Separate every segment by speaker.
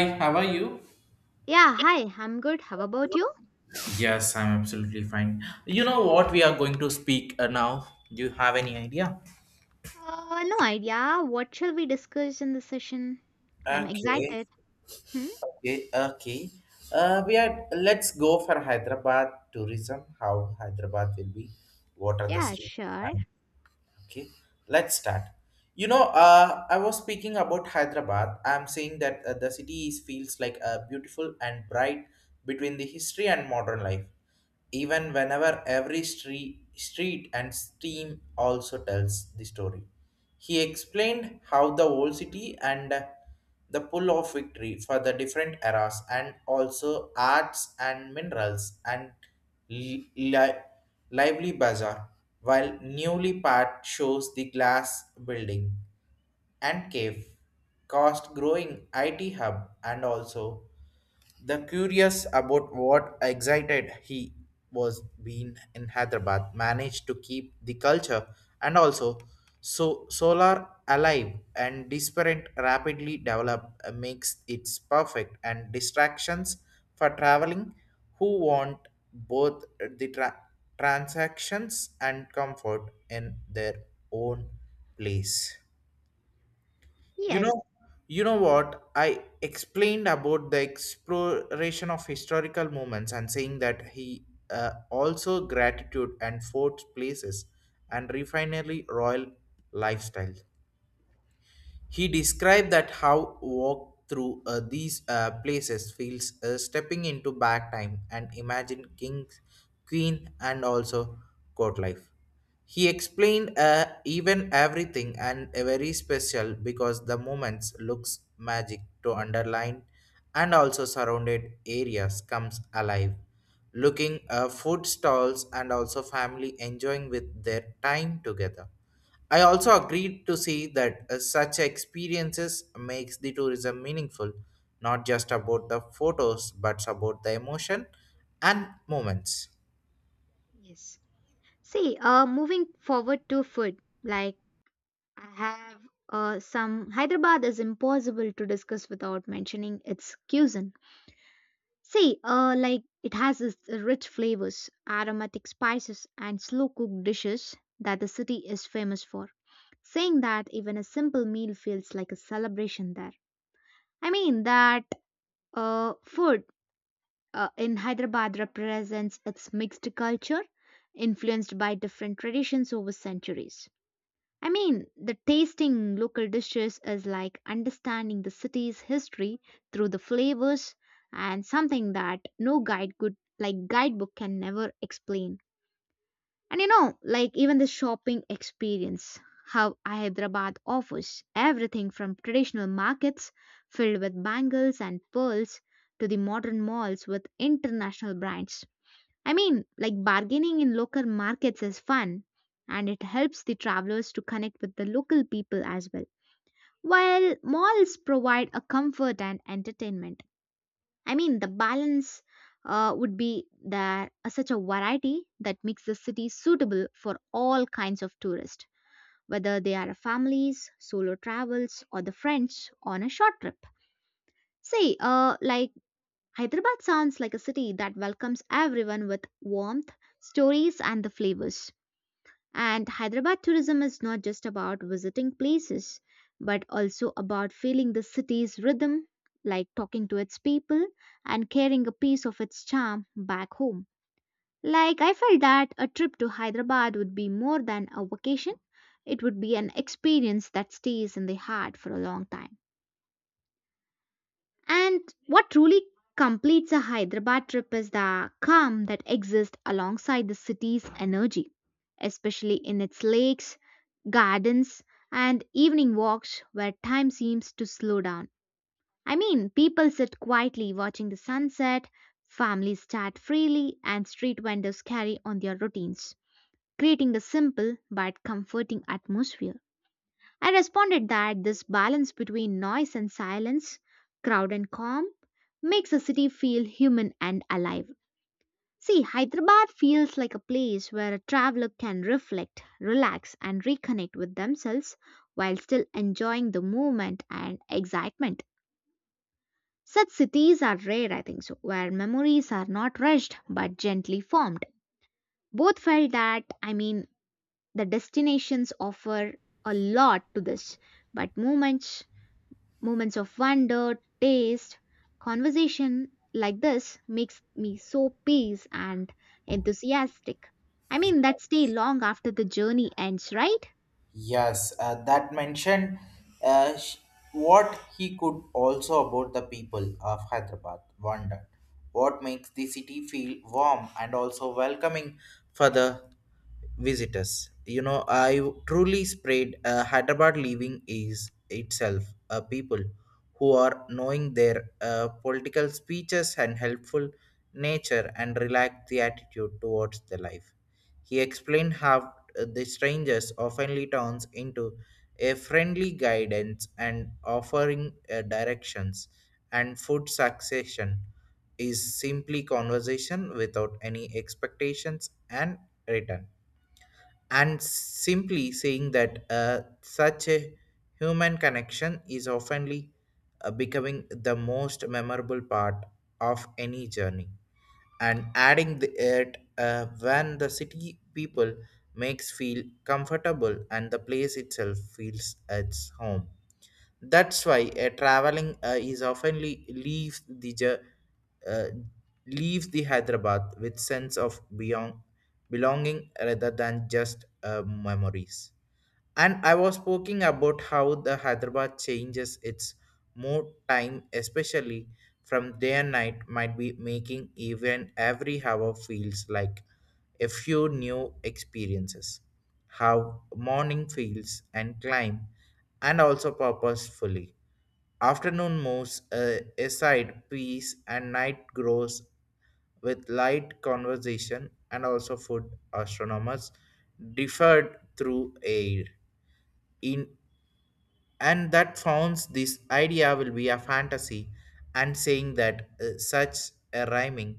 Speaker 1: Hi, how are you?
Speaker 2: Yeah, hi, I'm good. How about you?
Speaker 1: Yes, I'm absolutely fine. You know what we are going to speak now? Do you have any idea?
Speaker 2: No idea. What shall we discuss in the session? I'm
Speaker 1: Okay,
Speaker 2: excited. Hmm?
Speaker 1: okay. We are. Let's go for Hyderabad tourism. How Hyderabad will be? What are the
Speaker 2: Yeah,
Speaker 1: streets?
Speaker 2: sure.
Speaker 1: Okay, let's start. You know, I was speaking about Hyderabad. I'm saying that the city is, feels like a beautiful and bright between the history and modern life. Even whenever every street and steam also tells the story. He explained how the old city and the pull of victory for the different eras and also arts and minerals and li- li- lively bazaar, while newly part shows the glass building and cave, cost growing IT hub and also the curious about what excited he was being in Hyderabad managed to keep the culture and also so solar alive and disparate rapidly develop makes it perfect and distractions for traveling who want both the transactions and comfort in their own place. You
Speaker 2: Yes,
Speaker 1: know, you know what? I explained about the exploration of historical moments and saying that he also gratitude and forts places and refinery royal lifestyle. He described that how walk through these places feels stepping into back time and imagine kings, queen, and also court life. He explained even everything and a very special because the moments looks magic to underline and also surrounded areas comes alive looking food stalls and also family enjoying with their time together. I also agreed to see that such experiences makes the tourism meaningful, not just about the photos, but about the emotion and moments.
Speaker 2: yes. See, moving forward to food, like I have some Hyderabad is impossible to discuss without mentioning its cuisine. See, like it has its rich flavors, aromatic spices, and slow cooked dishes that the city is famous for. Saying that, even a simple meal feels like a celebration there. I mean that food in Hyderabad represents its mixed culture, influenced by different traditions over centuries. I mean, the tasting local dishes is like understanding the city's history through the flavors and something that no guide could like guidebook can never explain. And you know, like even the shopping experience, how Hyderabad offers everything from traditional markets filled with bangles and pearls to the modern malls with international brands. I mean, like bargaining in local markets is fun and it helps the travelers to connect with the local people as well. While malls provide a comfort and entertainment. I mean, the balance would be there such a variety that makes the city suitable for all kinds of tourists, whether they are families, solo travels, or the friends on a short trip. Say, like Hyderabad sounds like a city that welcomes everyone with warmth, stories, and the flavors. And Hyderabad tourism is not just about visiting places, but also about feeling the city's rhythm, like talking to its people and carrying a piece of its charm back home. Like, I felt that a trip to Hyderabad would be more than a vacation, it would be an experience that stays in the heart for a long time. And what truly completes a Hyderabad trip is the calm that exists alongside the city's energy, especially in its lakes, gardens, and evening walks where time seems to slow down. I mean, people sit quietly watching the sunset, families chat freely, and street vendors carry on their routines, creating a simple but comforting atmosphere. I responded that this balance between noise and silence, crowd and calm, makes a city feel human and alive. See, Hyderabad feels like a place where a traveler can reflect, relax, and reconnect with themselves while still enjoying the movement and excitement. Such cities are rare, I think so, where memories are not rushed but gently formed. Both felt that, I mean, the destinations offer a lot to this, but moments of wonder, taste, conversation like this makes me so peace and enthusiastic. I mean, that stay long after the journey ends, right?
Speaker 1: Yes, that mentioned uh, sh- what he could also about the people of Hyderabad wondered. What makes the city feel warm and also welcoming for the visitors? You know, I truly spread Hyderabad living is itself a people who are knowing their political speeches and helpful nature and relax the attitude towards the life. He explained how the strangers often turns into a friendly guidance and offering directions and food succession is simply conversation without any expectations and return and simply saying that such a human connection is often becoming the most memorable part of any journey and adding the, it when the city people makes feel comfortable and the place itself feels its home. That's why traveling is oftenly leaves the uh, leaves the Hyderabad with sense of beyond belonging rather than just memories. And I was speaking about how the Hyderabad changes its mood time, especially from day and night, might be making even every hour feels like a few new experiences. How morning feels and climb, and also purposefully. Afternoon moves aside peace, and night grows with light conversation and also food astronomers differed through air in, and that founds this idea will be a fantasy and saying that such a rhyming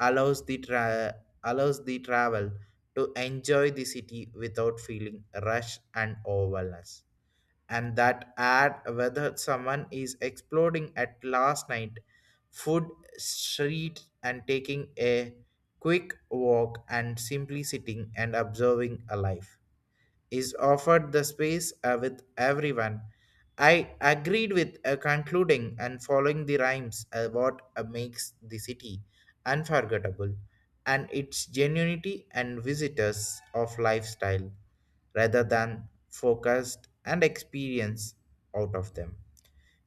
Speaker 1: allows the allows the travel to enjoy the city without feeling rush and overwhelmness, and that add whether someone is exploding at last night food street and taking a quick walk and simply sitting and observing a life is offered the space with everyone. I agreed with concluding and following the rhymes what makes the city unforgettable and its genuinity and visitors of lifestyle rather than focused and experience out of them.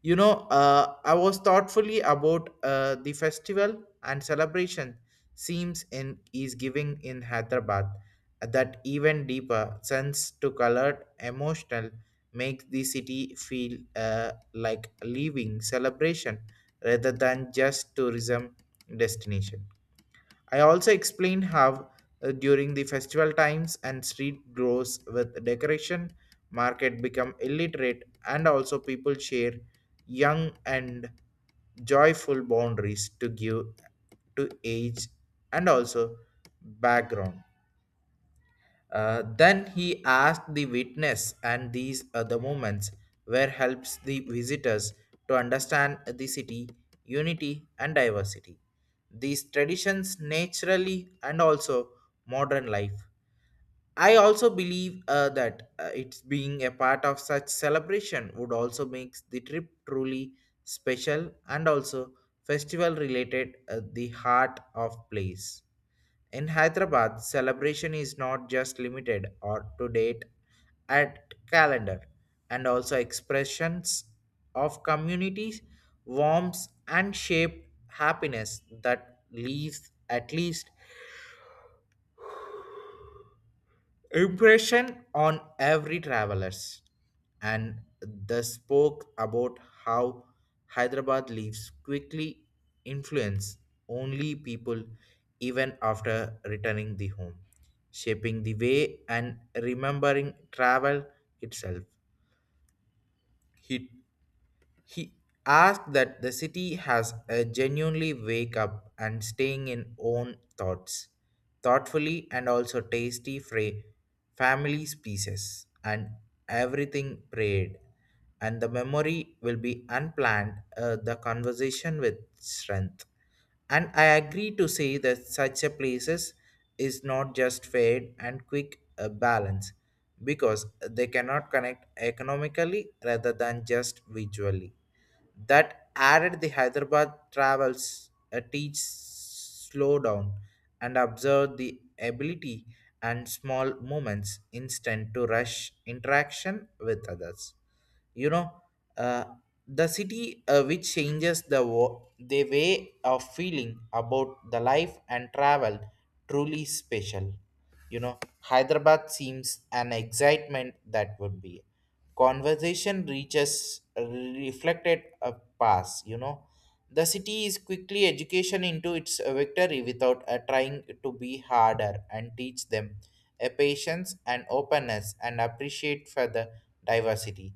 Speaker 1: You know, I was thoughtfully about the festival and celebration seems in is giving in Hyderabad that even deeper sense to colored emotional makes the city feel like living celebration rather than just tourism destination. I also explained how during the festival times and street grows with decoration, market become illiterate and also people share young and joyful boundaries to give to age and also background. Then he asked the witness, and these other moments where helps the visitors to understand the city, unity, and diversity. These traditions naturally and also modern life. I also believe that it's being a part of such celebration would also makes the trip truly special and also festival related the heart of place. In Hyderabad, celebration is not just limited or to date at calendar and also expressions of communities, warmth and shape happiness that leaves at least impression on every travelers. And the spoke about how Hyderabad leaves quickly influence only people even after returning the home, shaping the way and remembering travel itself. He asked that the city has a genuinely wake up and staying in own thoughts, thoughtfully and also tasty family pieces and everything prayed. And the memory will be unplanned, the conversation with strength. And I agree to say that such a places is not just fade and quick balance because they cannot connect economically rather than just visually, that added the Hyderabad travels a teach slow down and observe the ability and small moments instant to rush interaction with others. You know, uh, the city which changes the the way of feeling about the life and travel truly special. You know, Hyderabad seems an excitement that would be conversation reaches reflected a pass. You know, the city is quickly education into its victory without trying to be harder and teach them a patience and openness and appreciate for the diversity.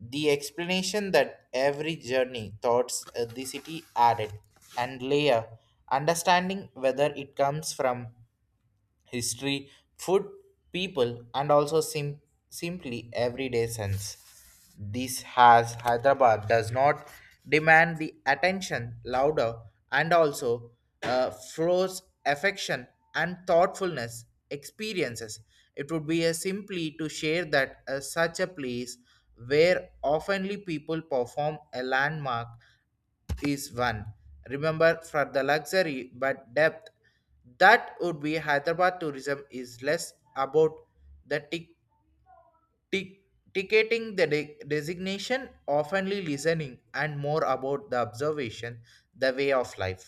Speaker 1: The explanation that every journey thoughts the city added and layer understanding whether it comes from history, food, people, and also simply everyday sense. This has Hyderabad does not demand the attention louder and also flows affection and thoughtfulness experiences. It would be a simply to share that such a place where oftenly people perform a landmark is one. Remember, for the luxury but depth, that would be Hyderabad tourism is less about the tick ticketing the designation oftenly listening and more about the observation the way of life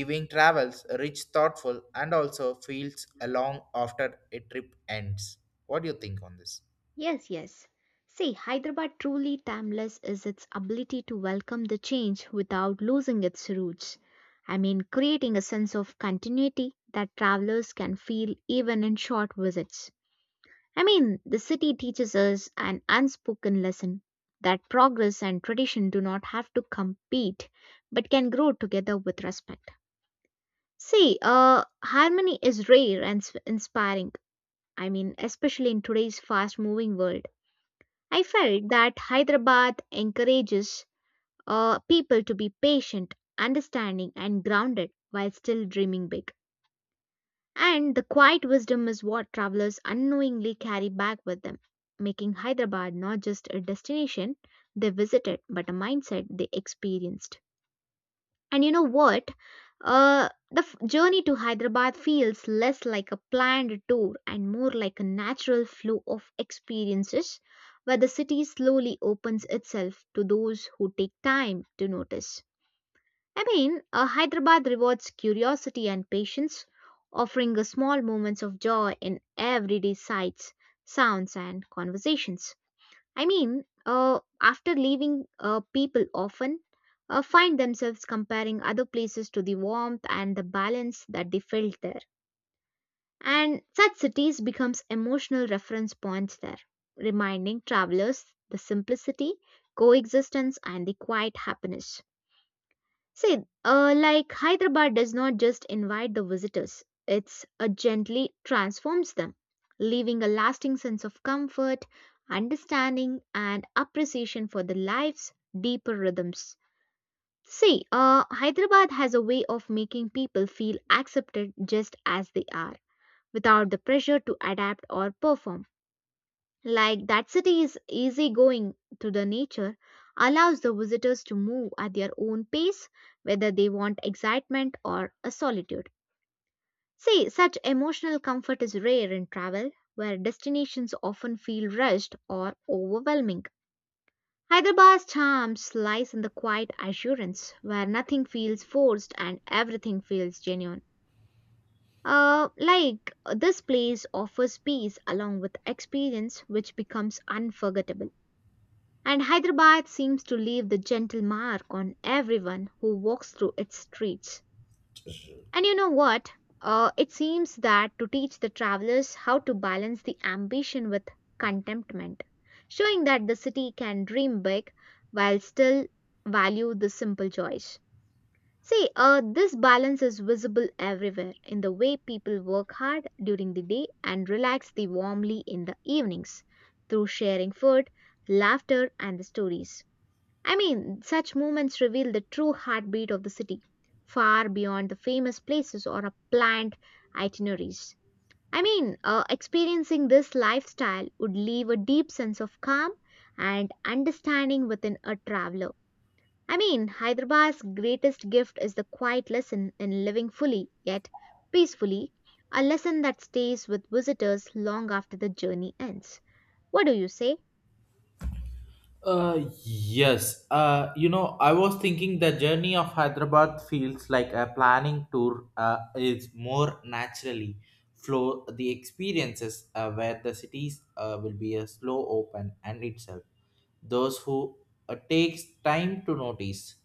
Speaker 1: living travels rich thoughtful and also feels along after a trip ends. What do you think on this?
Speaker 2: Yes, yes. See, Hyderabad truly timeless is its ability to welcome the change without losing its roots. I mean, creating a sense of continuity that travelers can feel even in short visits. I mean, the city teaches us an unspoken lesson that progress and tradition do not have to compete but can grow together with respect. See, harmony is rare and inspiring. I mean, especially in today's fast moving world. I felt that Hyderabad encourages people to be patient, understanding, and grounded while still dreaming big. And the quiet wisdom is what travelers unknowingly carry back with them, making Hyderabad not just a destination they visited, but a mindset they experienced. And you know what? The journey to Hyderabad feels less like a planned tour and more like a natural flow of experiences where the city slowly opens itself to those who take time to notice. I mean, Hyderabad rewards curiosity and patience, offering us small moments of joy in everyday sights, sounds, and conversations. I mean, after leaving, people often find themselves comparing other places to the warmth and the balance that they felt there. And such cities becomes emotional reference points there, reminding travelers the simplicity, coexistence, and the quiet happiness. See, like Hyderabad does not just invite the visitors, it's gently transforms them, leaving a lasting sense of comfort, understanding, and appreciation for the life's deeper rhythms. See, Hyderabad has a way of making people feel accepted just as they are, without the pressure to adapt or perform. Like that city is easygoing to the nature, allows the visitors to move at their own pace, whether they want excitement or a solitude. See, such emotional comfort is rare in travel, where destinations often feel rushed or overwhelming. Hyderabad's charms lies in the quiet assurance, where nothing feels forced and everything feels genuine. Like this place offers peace along with experience which becomes unforgettable. And Hyderabad seems to leave the gentle mark on everyone who walks through its streets. And you know what? It seems that to teach the travelers how to balance the ambition with contentment, showing that the city can dream big while still value the simple joys. See, this balance is visible everywhere in the way people work hard during the day and relax the warmly in the evenings through sharing food, laughter, and the stories. I mean, such moments reveal the true heartbeat of the city, far beyond the famous places or a planned itineraries. I mean, experiencing this lifestyle would leave a deep sense of calm and understanding within a traveler. I mean, Hyderabad's greatest gift is the quiet lesson in living fully yet peacefully, a lesson that stays with visitors long after the journey ends. What do you say?
Speaker 1: Yes. You know, I was thinking the journey of Hyderabad feels like a planning tour. Is more naturally flow the experiences where the cities will be a slow open and itself. Those who takes time to notice.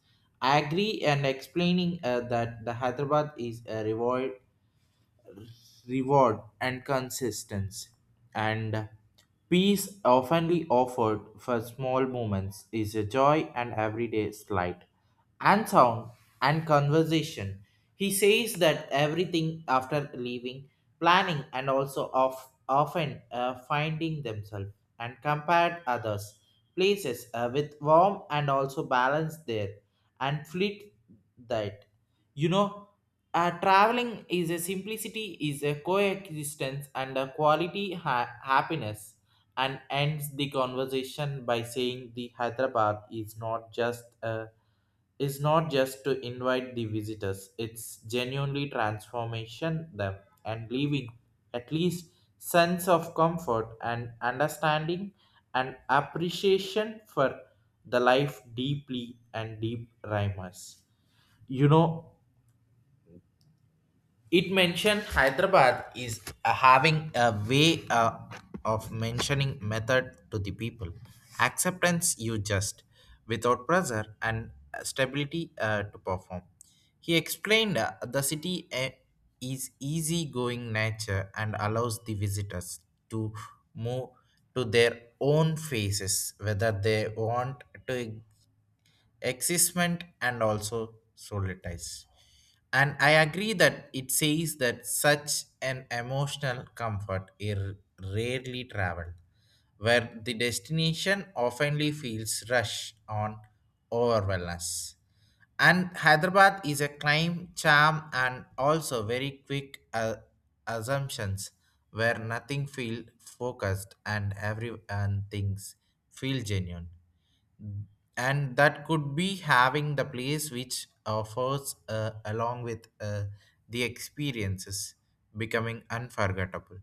Speaker 1: I agree and explaining that the Hyderabad is a reward and consistency and peace oftenly offered for small moments is a joy and everyday slight and sound and conversation. He says that everything after leaving planning and also of often finding themselves and compared others places with warm and also balance there and fleet that. You know, traveling is a simplicity, is a coexistence and a quality happiness, and ends the conversation by saying the Hyderabad is not just to invite the visitors, it's genuinely transformation them and leaving at least sense of comfort and understanding and appreciation for the life deeply and deep rhymes. You know, it mentioned Hyderabad is having a way of mentioning method to the people. Acceptance you just without pressure and stability to perform. He explained the city is easygoing nature and allows the visitors to move to their own faces whether they want to exist and also solitize. And I agree that it says that such an emotional comfort is rarely traveled, where the destination oftenly feels rush on overwhelmness. And Hyderabad is a climb, charm, and also very quick assumptions where nothing feel focused and every and things feel genuine and that could be having the place which offers along with the experiences becoming unforgettable.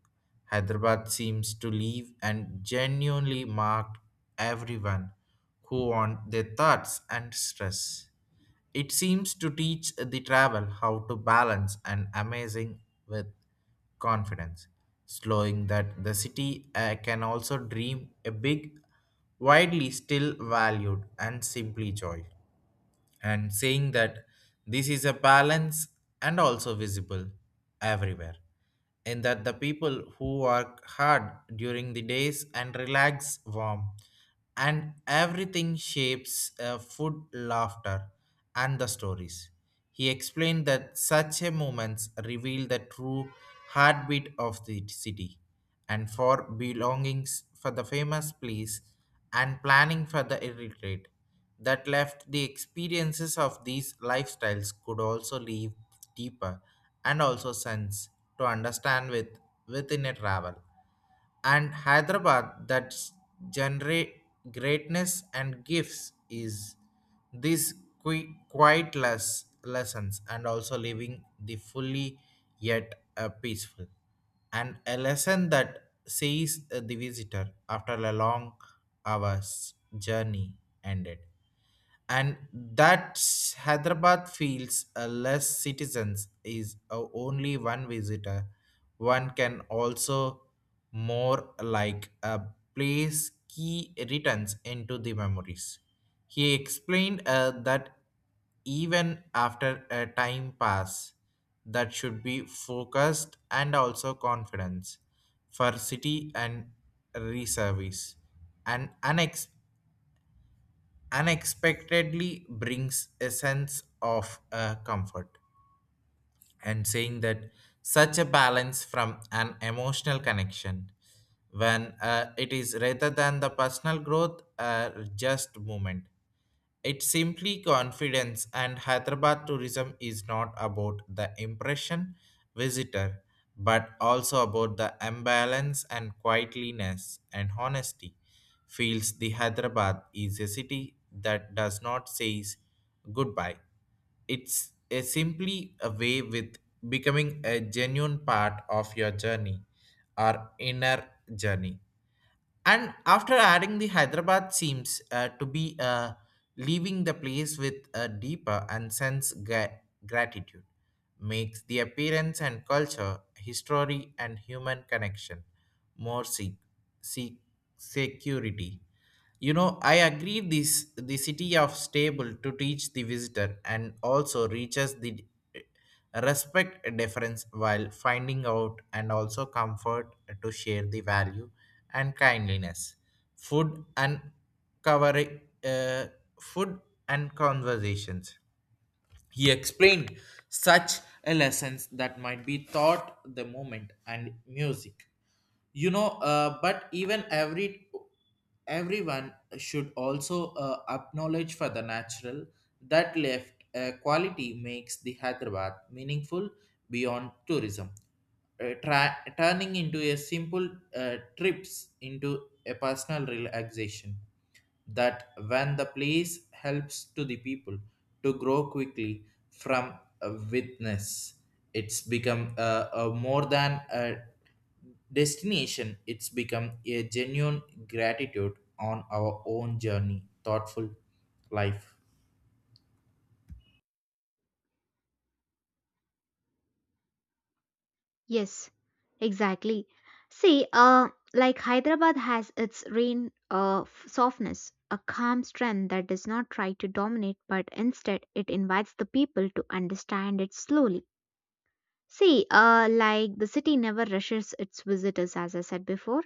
Speaker 1: Hyderabad seems to leave and genuinely marked everyone who on their thoughts and stress. It seems to teach the travel how to balance an amazing with confidence, slowing that the city can also dream a big, widely still valued, and simply joy, and saying that this is a balance and also visible everywhere and that the people who work hard during the days and relax warm and everything shapes food laughter and the stories. He explained that such a moments reveal the true heartbeat of the city and for belongings for the famous place and planning for the retreat that left the experiences of these lifestyles could also leave deeper and also sense to understand with within a travel. And Hyderabad that's generate greatness and gifts is these quiet less lessons and also living the fully yet a peaceful and a lesson that sees the visitor after a long hour's journey ended. And that Hyderabad feels less citizens is only one visitor one can also more like a place key returns into the memories. He explained that even after a time pass that should be focused and also confidence for city and reservice and annex unexpectedly brings a sense of comfort and saying that such a balance from an Emotional connection when it is rather than the personal growth, just movement. It's simply confidence, and Hyderabad tourism is not about the impression visitor, but also about the imbalance and quietliness and honesty. Feels the Hyderabad is a city that does not say goodbye. It's a simply a way with becoming a genuine part of your journey or inner journey. And after adding the Hyderabad seems to be, leaving the place with a deeper and sense gratitude, makes the appearance and culture, history and human connection more se- security. I agree this the city of stable to teach the visitor and also reaches the eh, respect difference while finding out and also comfort to share the value and kindliness. Food and cover, uh, food and conversations. He explained such a lessons that might be taught the moment and music. But even everyone should also acknowledge for the natural that left quality makes the Hyderabad meaningful beyond tourism, turning into a simple trips into a personal relaxation that when the place helps to the people to grow quickly from a witness. It's become a more than a destination. It's become a genuine gratitude on our own journey thoughtful life.
Speaker 2: Yes, exactly. See, like Hyderabad has its rain of softness, a calm strength that does not try to dominate, but instead it invites the people to understand it slowly. See, like the city never rushes its visitors, as I said before.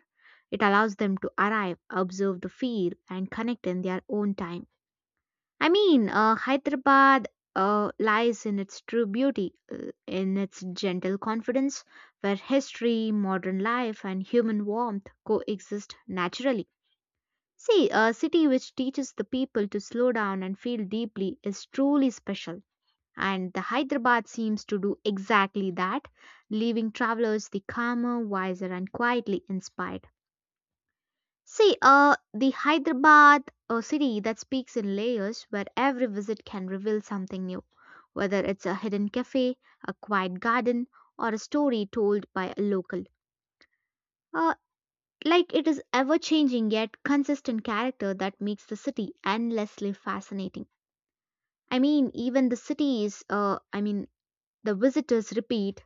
Speaker 2: It allows them to arrive, observe the feel, and connect in their own time. I mean, Hyderabad lies in its true beauty, in its gentle confidence, where history, modern life, and human warmth coexist naturally. See, a city which teaches the people to slow down and feel deeply is truly special. And the Hyderabad seems to do exactly that, leaving travelers the calmer, wiser, and quietly inspired. See, the Hyderabad, a city that speaks in layers where every visit can reveal something new, whether it's a hidden cafe, a quiet garden, or a story told by a local. Uh, like it is ever changing yet consistent character that makes the city endlessly fascinating. I mean, even the cities, I mean, the visitors repeat,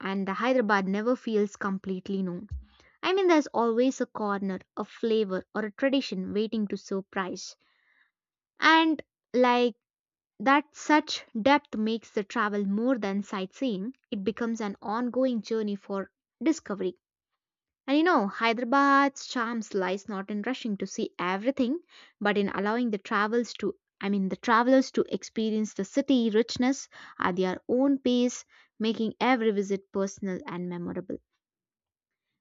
Speaker 2: and the Hyderabad never feels completely known. I mean, there's always a corner, a flavor, or a tradition waiting to surprise. And like that, such depth makes the travel more than sightseeing, it becomes an ongoing journey for discovery. And you know, Hyderabad's charms lies not in rushing to see everything, but in allowing the travels to I mean the travelers to experience the city richness at their own pace, making every visit personal and memorable.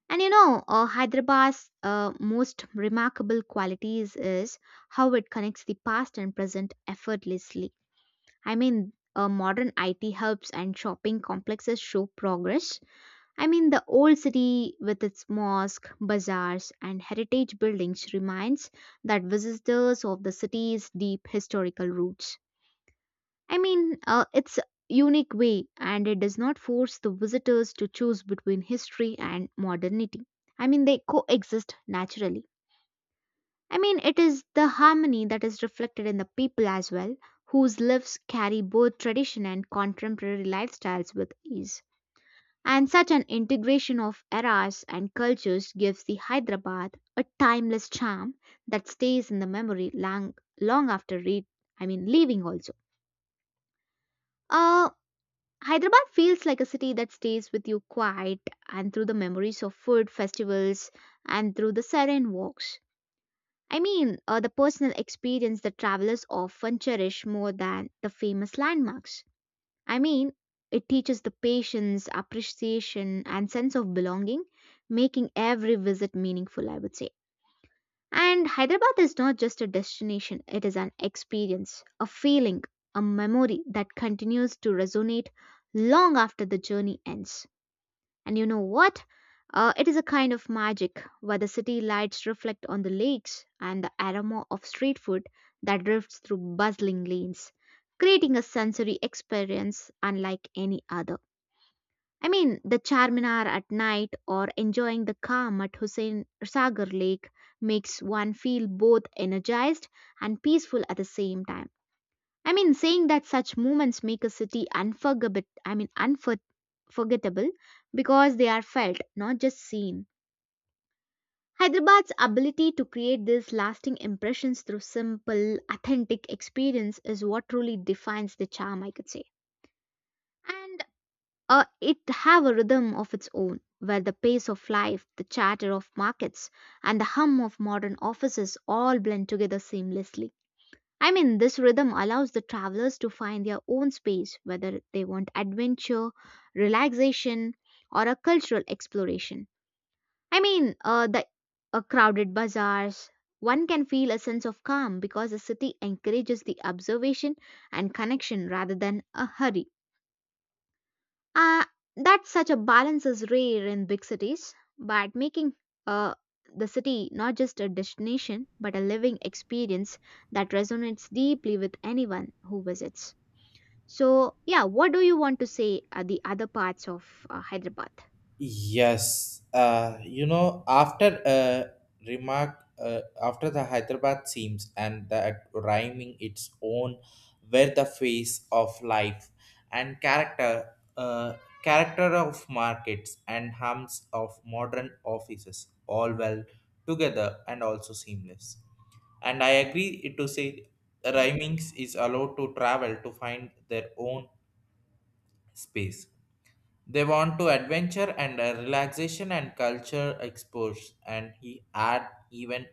Speaker 2: And you know, Hyderabad's most remarkable qualities is how it connects the past and present effortlessly. I mean, modern IT hubs and shopping complexes show progress. I mean, the old city with its mosque, bazaars, and heritage buildings reminds that visitors of the city's deep historical roots. I mean, it's a unique way and it does not force the visitors to choose between history and modernity. I mean, they coexist naturally. I mean, it is the harmony that is reflected in the people as well, whose lives carry both tradition and contemporary lifestyles with ease. And such an integration of eras and cultures gives the Hyderabad a timeless charm that stays in the memory long, long after read, I mean, leaving also. Uh, Hyderabad feels like a city that stays with you quiet and through the memories of food festivals and through the serene walks. I mean, the personal experience that travelers often cherish more than the famous landmarks. I mean, it teaches the patience, appreciation, and sense of belonging, making every visit meaningful, I would say. And Hyderabad is not just a destination, it is an experience, a feeling, a memory that continues to resonate long after the journey ends. And you know what? It is a kind of magic where the city lights reflect on the lakes and the aroma of street food that drifts through bustling lanes, creating a sensory experience unlike any other. I mean, the Charminar at night or enjoying the calm at Hussein Sagar Lake makes one feel both energized and peaceful at the same time. I mean, saying that such moments make a city unforgettable, because they are felt, not just seen. Hyderabad's ability to create these lasting impressions through simple, authentic experience is what truly defines the charm, I could say. And it have a rhythm of its own, where the pace of life, the chatter of markets, and the hum of modern offices all blend together seamlessly. I mean, this rhythm allows the travelers to find their own space, whether they want adventure, relaxation, or a cultural exploration. I mean, the crowded bazaars, one can feel a sense of calm because the city encourages the observation and connection rather than a hurry. Uh, that such a balance is rare in big cities, but making uh, the city not just a destination but a living experience that resonates deeply with anyone who visits. So, yeah, what do you want to say are the other parts of Hyderabad?
Speaker 1: Yes, after a remark, after the Hyderabad seams and the rhyming its own were the face of life and character, uh, character of markets and hums of modern offices, all well together and also seamless. And I agree it to say rhymings is allowed to travel to find their own space. They want to adventure and, relaxation and culture exposure, and he add even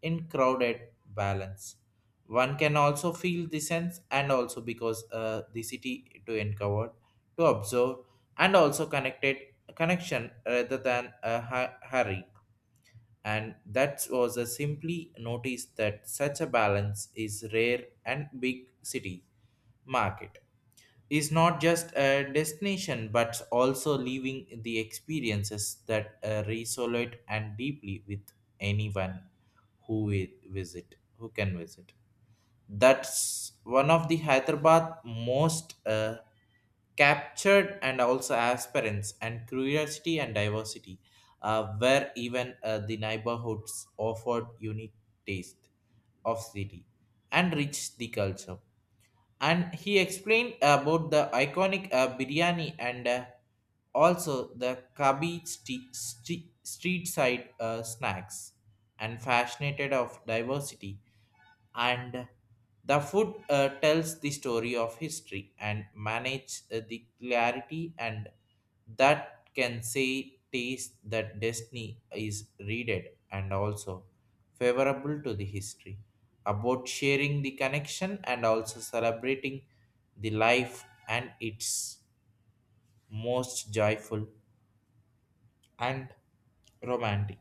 Speaker 1: in crowded balance. One can also feel the sense, and also because the city to uncover, to observe, and also connected connection rather than a hurry. And that was a simply notice that such a balance is rare and big city market is not just a destination but also leaving the experiences that resonate and deeply with anyone who wi- visit who can visit. That's one of the Hyderabad most, captured and also aspirants and curiosity and diversity, where even, the neighborhoods offered unique taste of city and rich the culture. And he explained about the iconic biryani and, also the kabi street side snacks and fascinated of diversity. And the food tells the story of history and manage, the clarity and that can say taste that destiny is readed and also favorable to the history about sharing the connection and also celebrating the life and its most joyful and romantic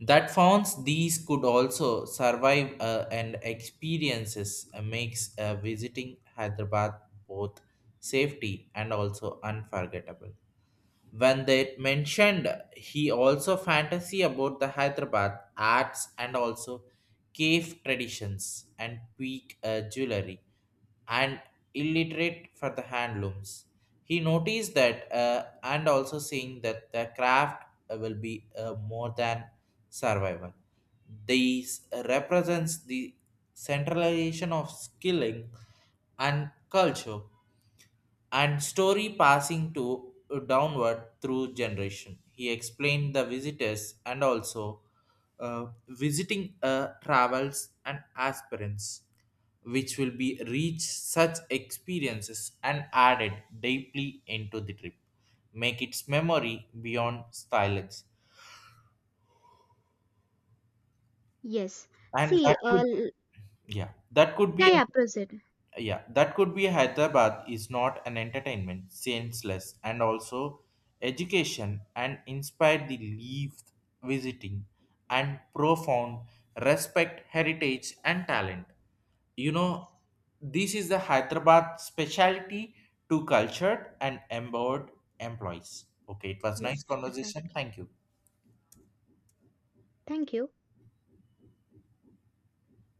Speaker 1: that founds these could also survive, and experiences makes visiting Hyderabad both safety and also unforgettable. When they mentioned, he also fantasy about the Hyderabad arts and also cave traditions and peak jewelry and illiterate for the handlooms. He noticed that, and also seeing that the craft will be more than survival. These represents the centralization of skilling and culture and story passing to downward through generation. He explained the visitors and also visiting travels and aspirants, which will be reach such experiences and added deeply into the trip, make its memory beyond silence,
Speaker 2: Yes.
Speaker 1: and that
Speaker 2: See,
Speaker 1: could yeah, that could be
Speaker 2: yeah,
Speaker 1: a.
Speaker 2: yeah, proceed.
Speaker 1: Yeah, that could be Hyderabad is not an entertainment, senseless, and also education and inspired the leave visiting and profound respect heritage and talent. You know,
Speaker 2: Yes,
Speaker 1: this is the Hyderabad specialty to cultured and empowered employees. Okay, it was
Speaker 2: yes,
Speaker 1: nice
Speaker 2: exactly.
Speaker 1: conversation. Thank you.
Speaker 2: Thank you.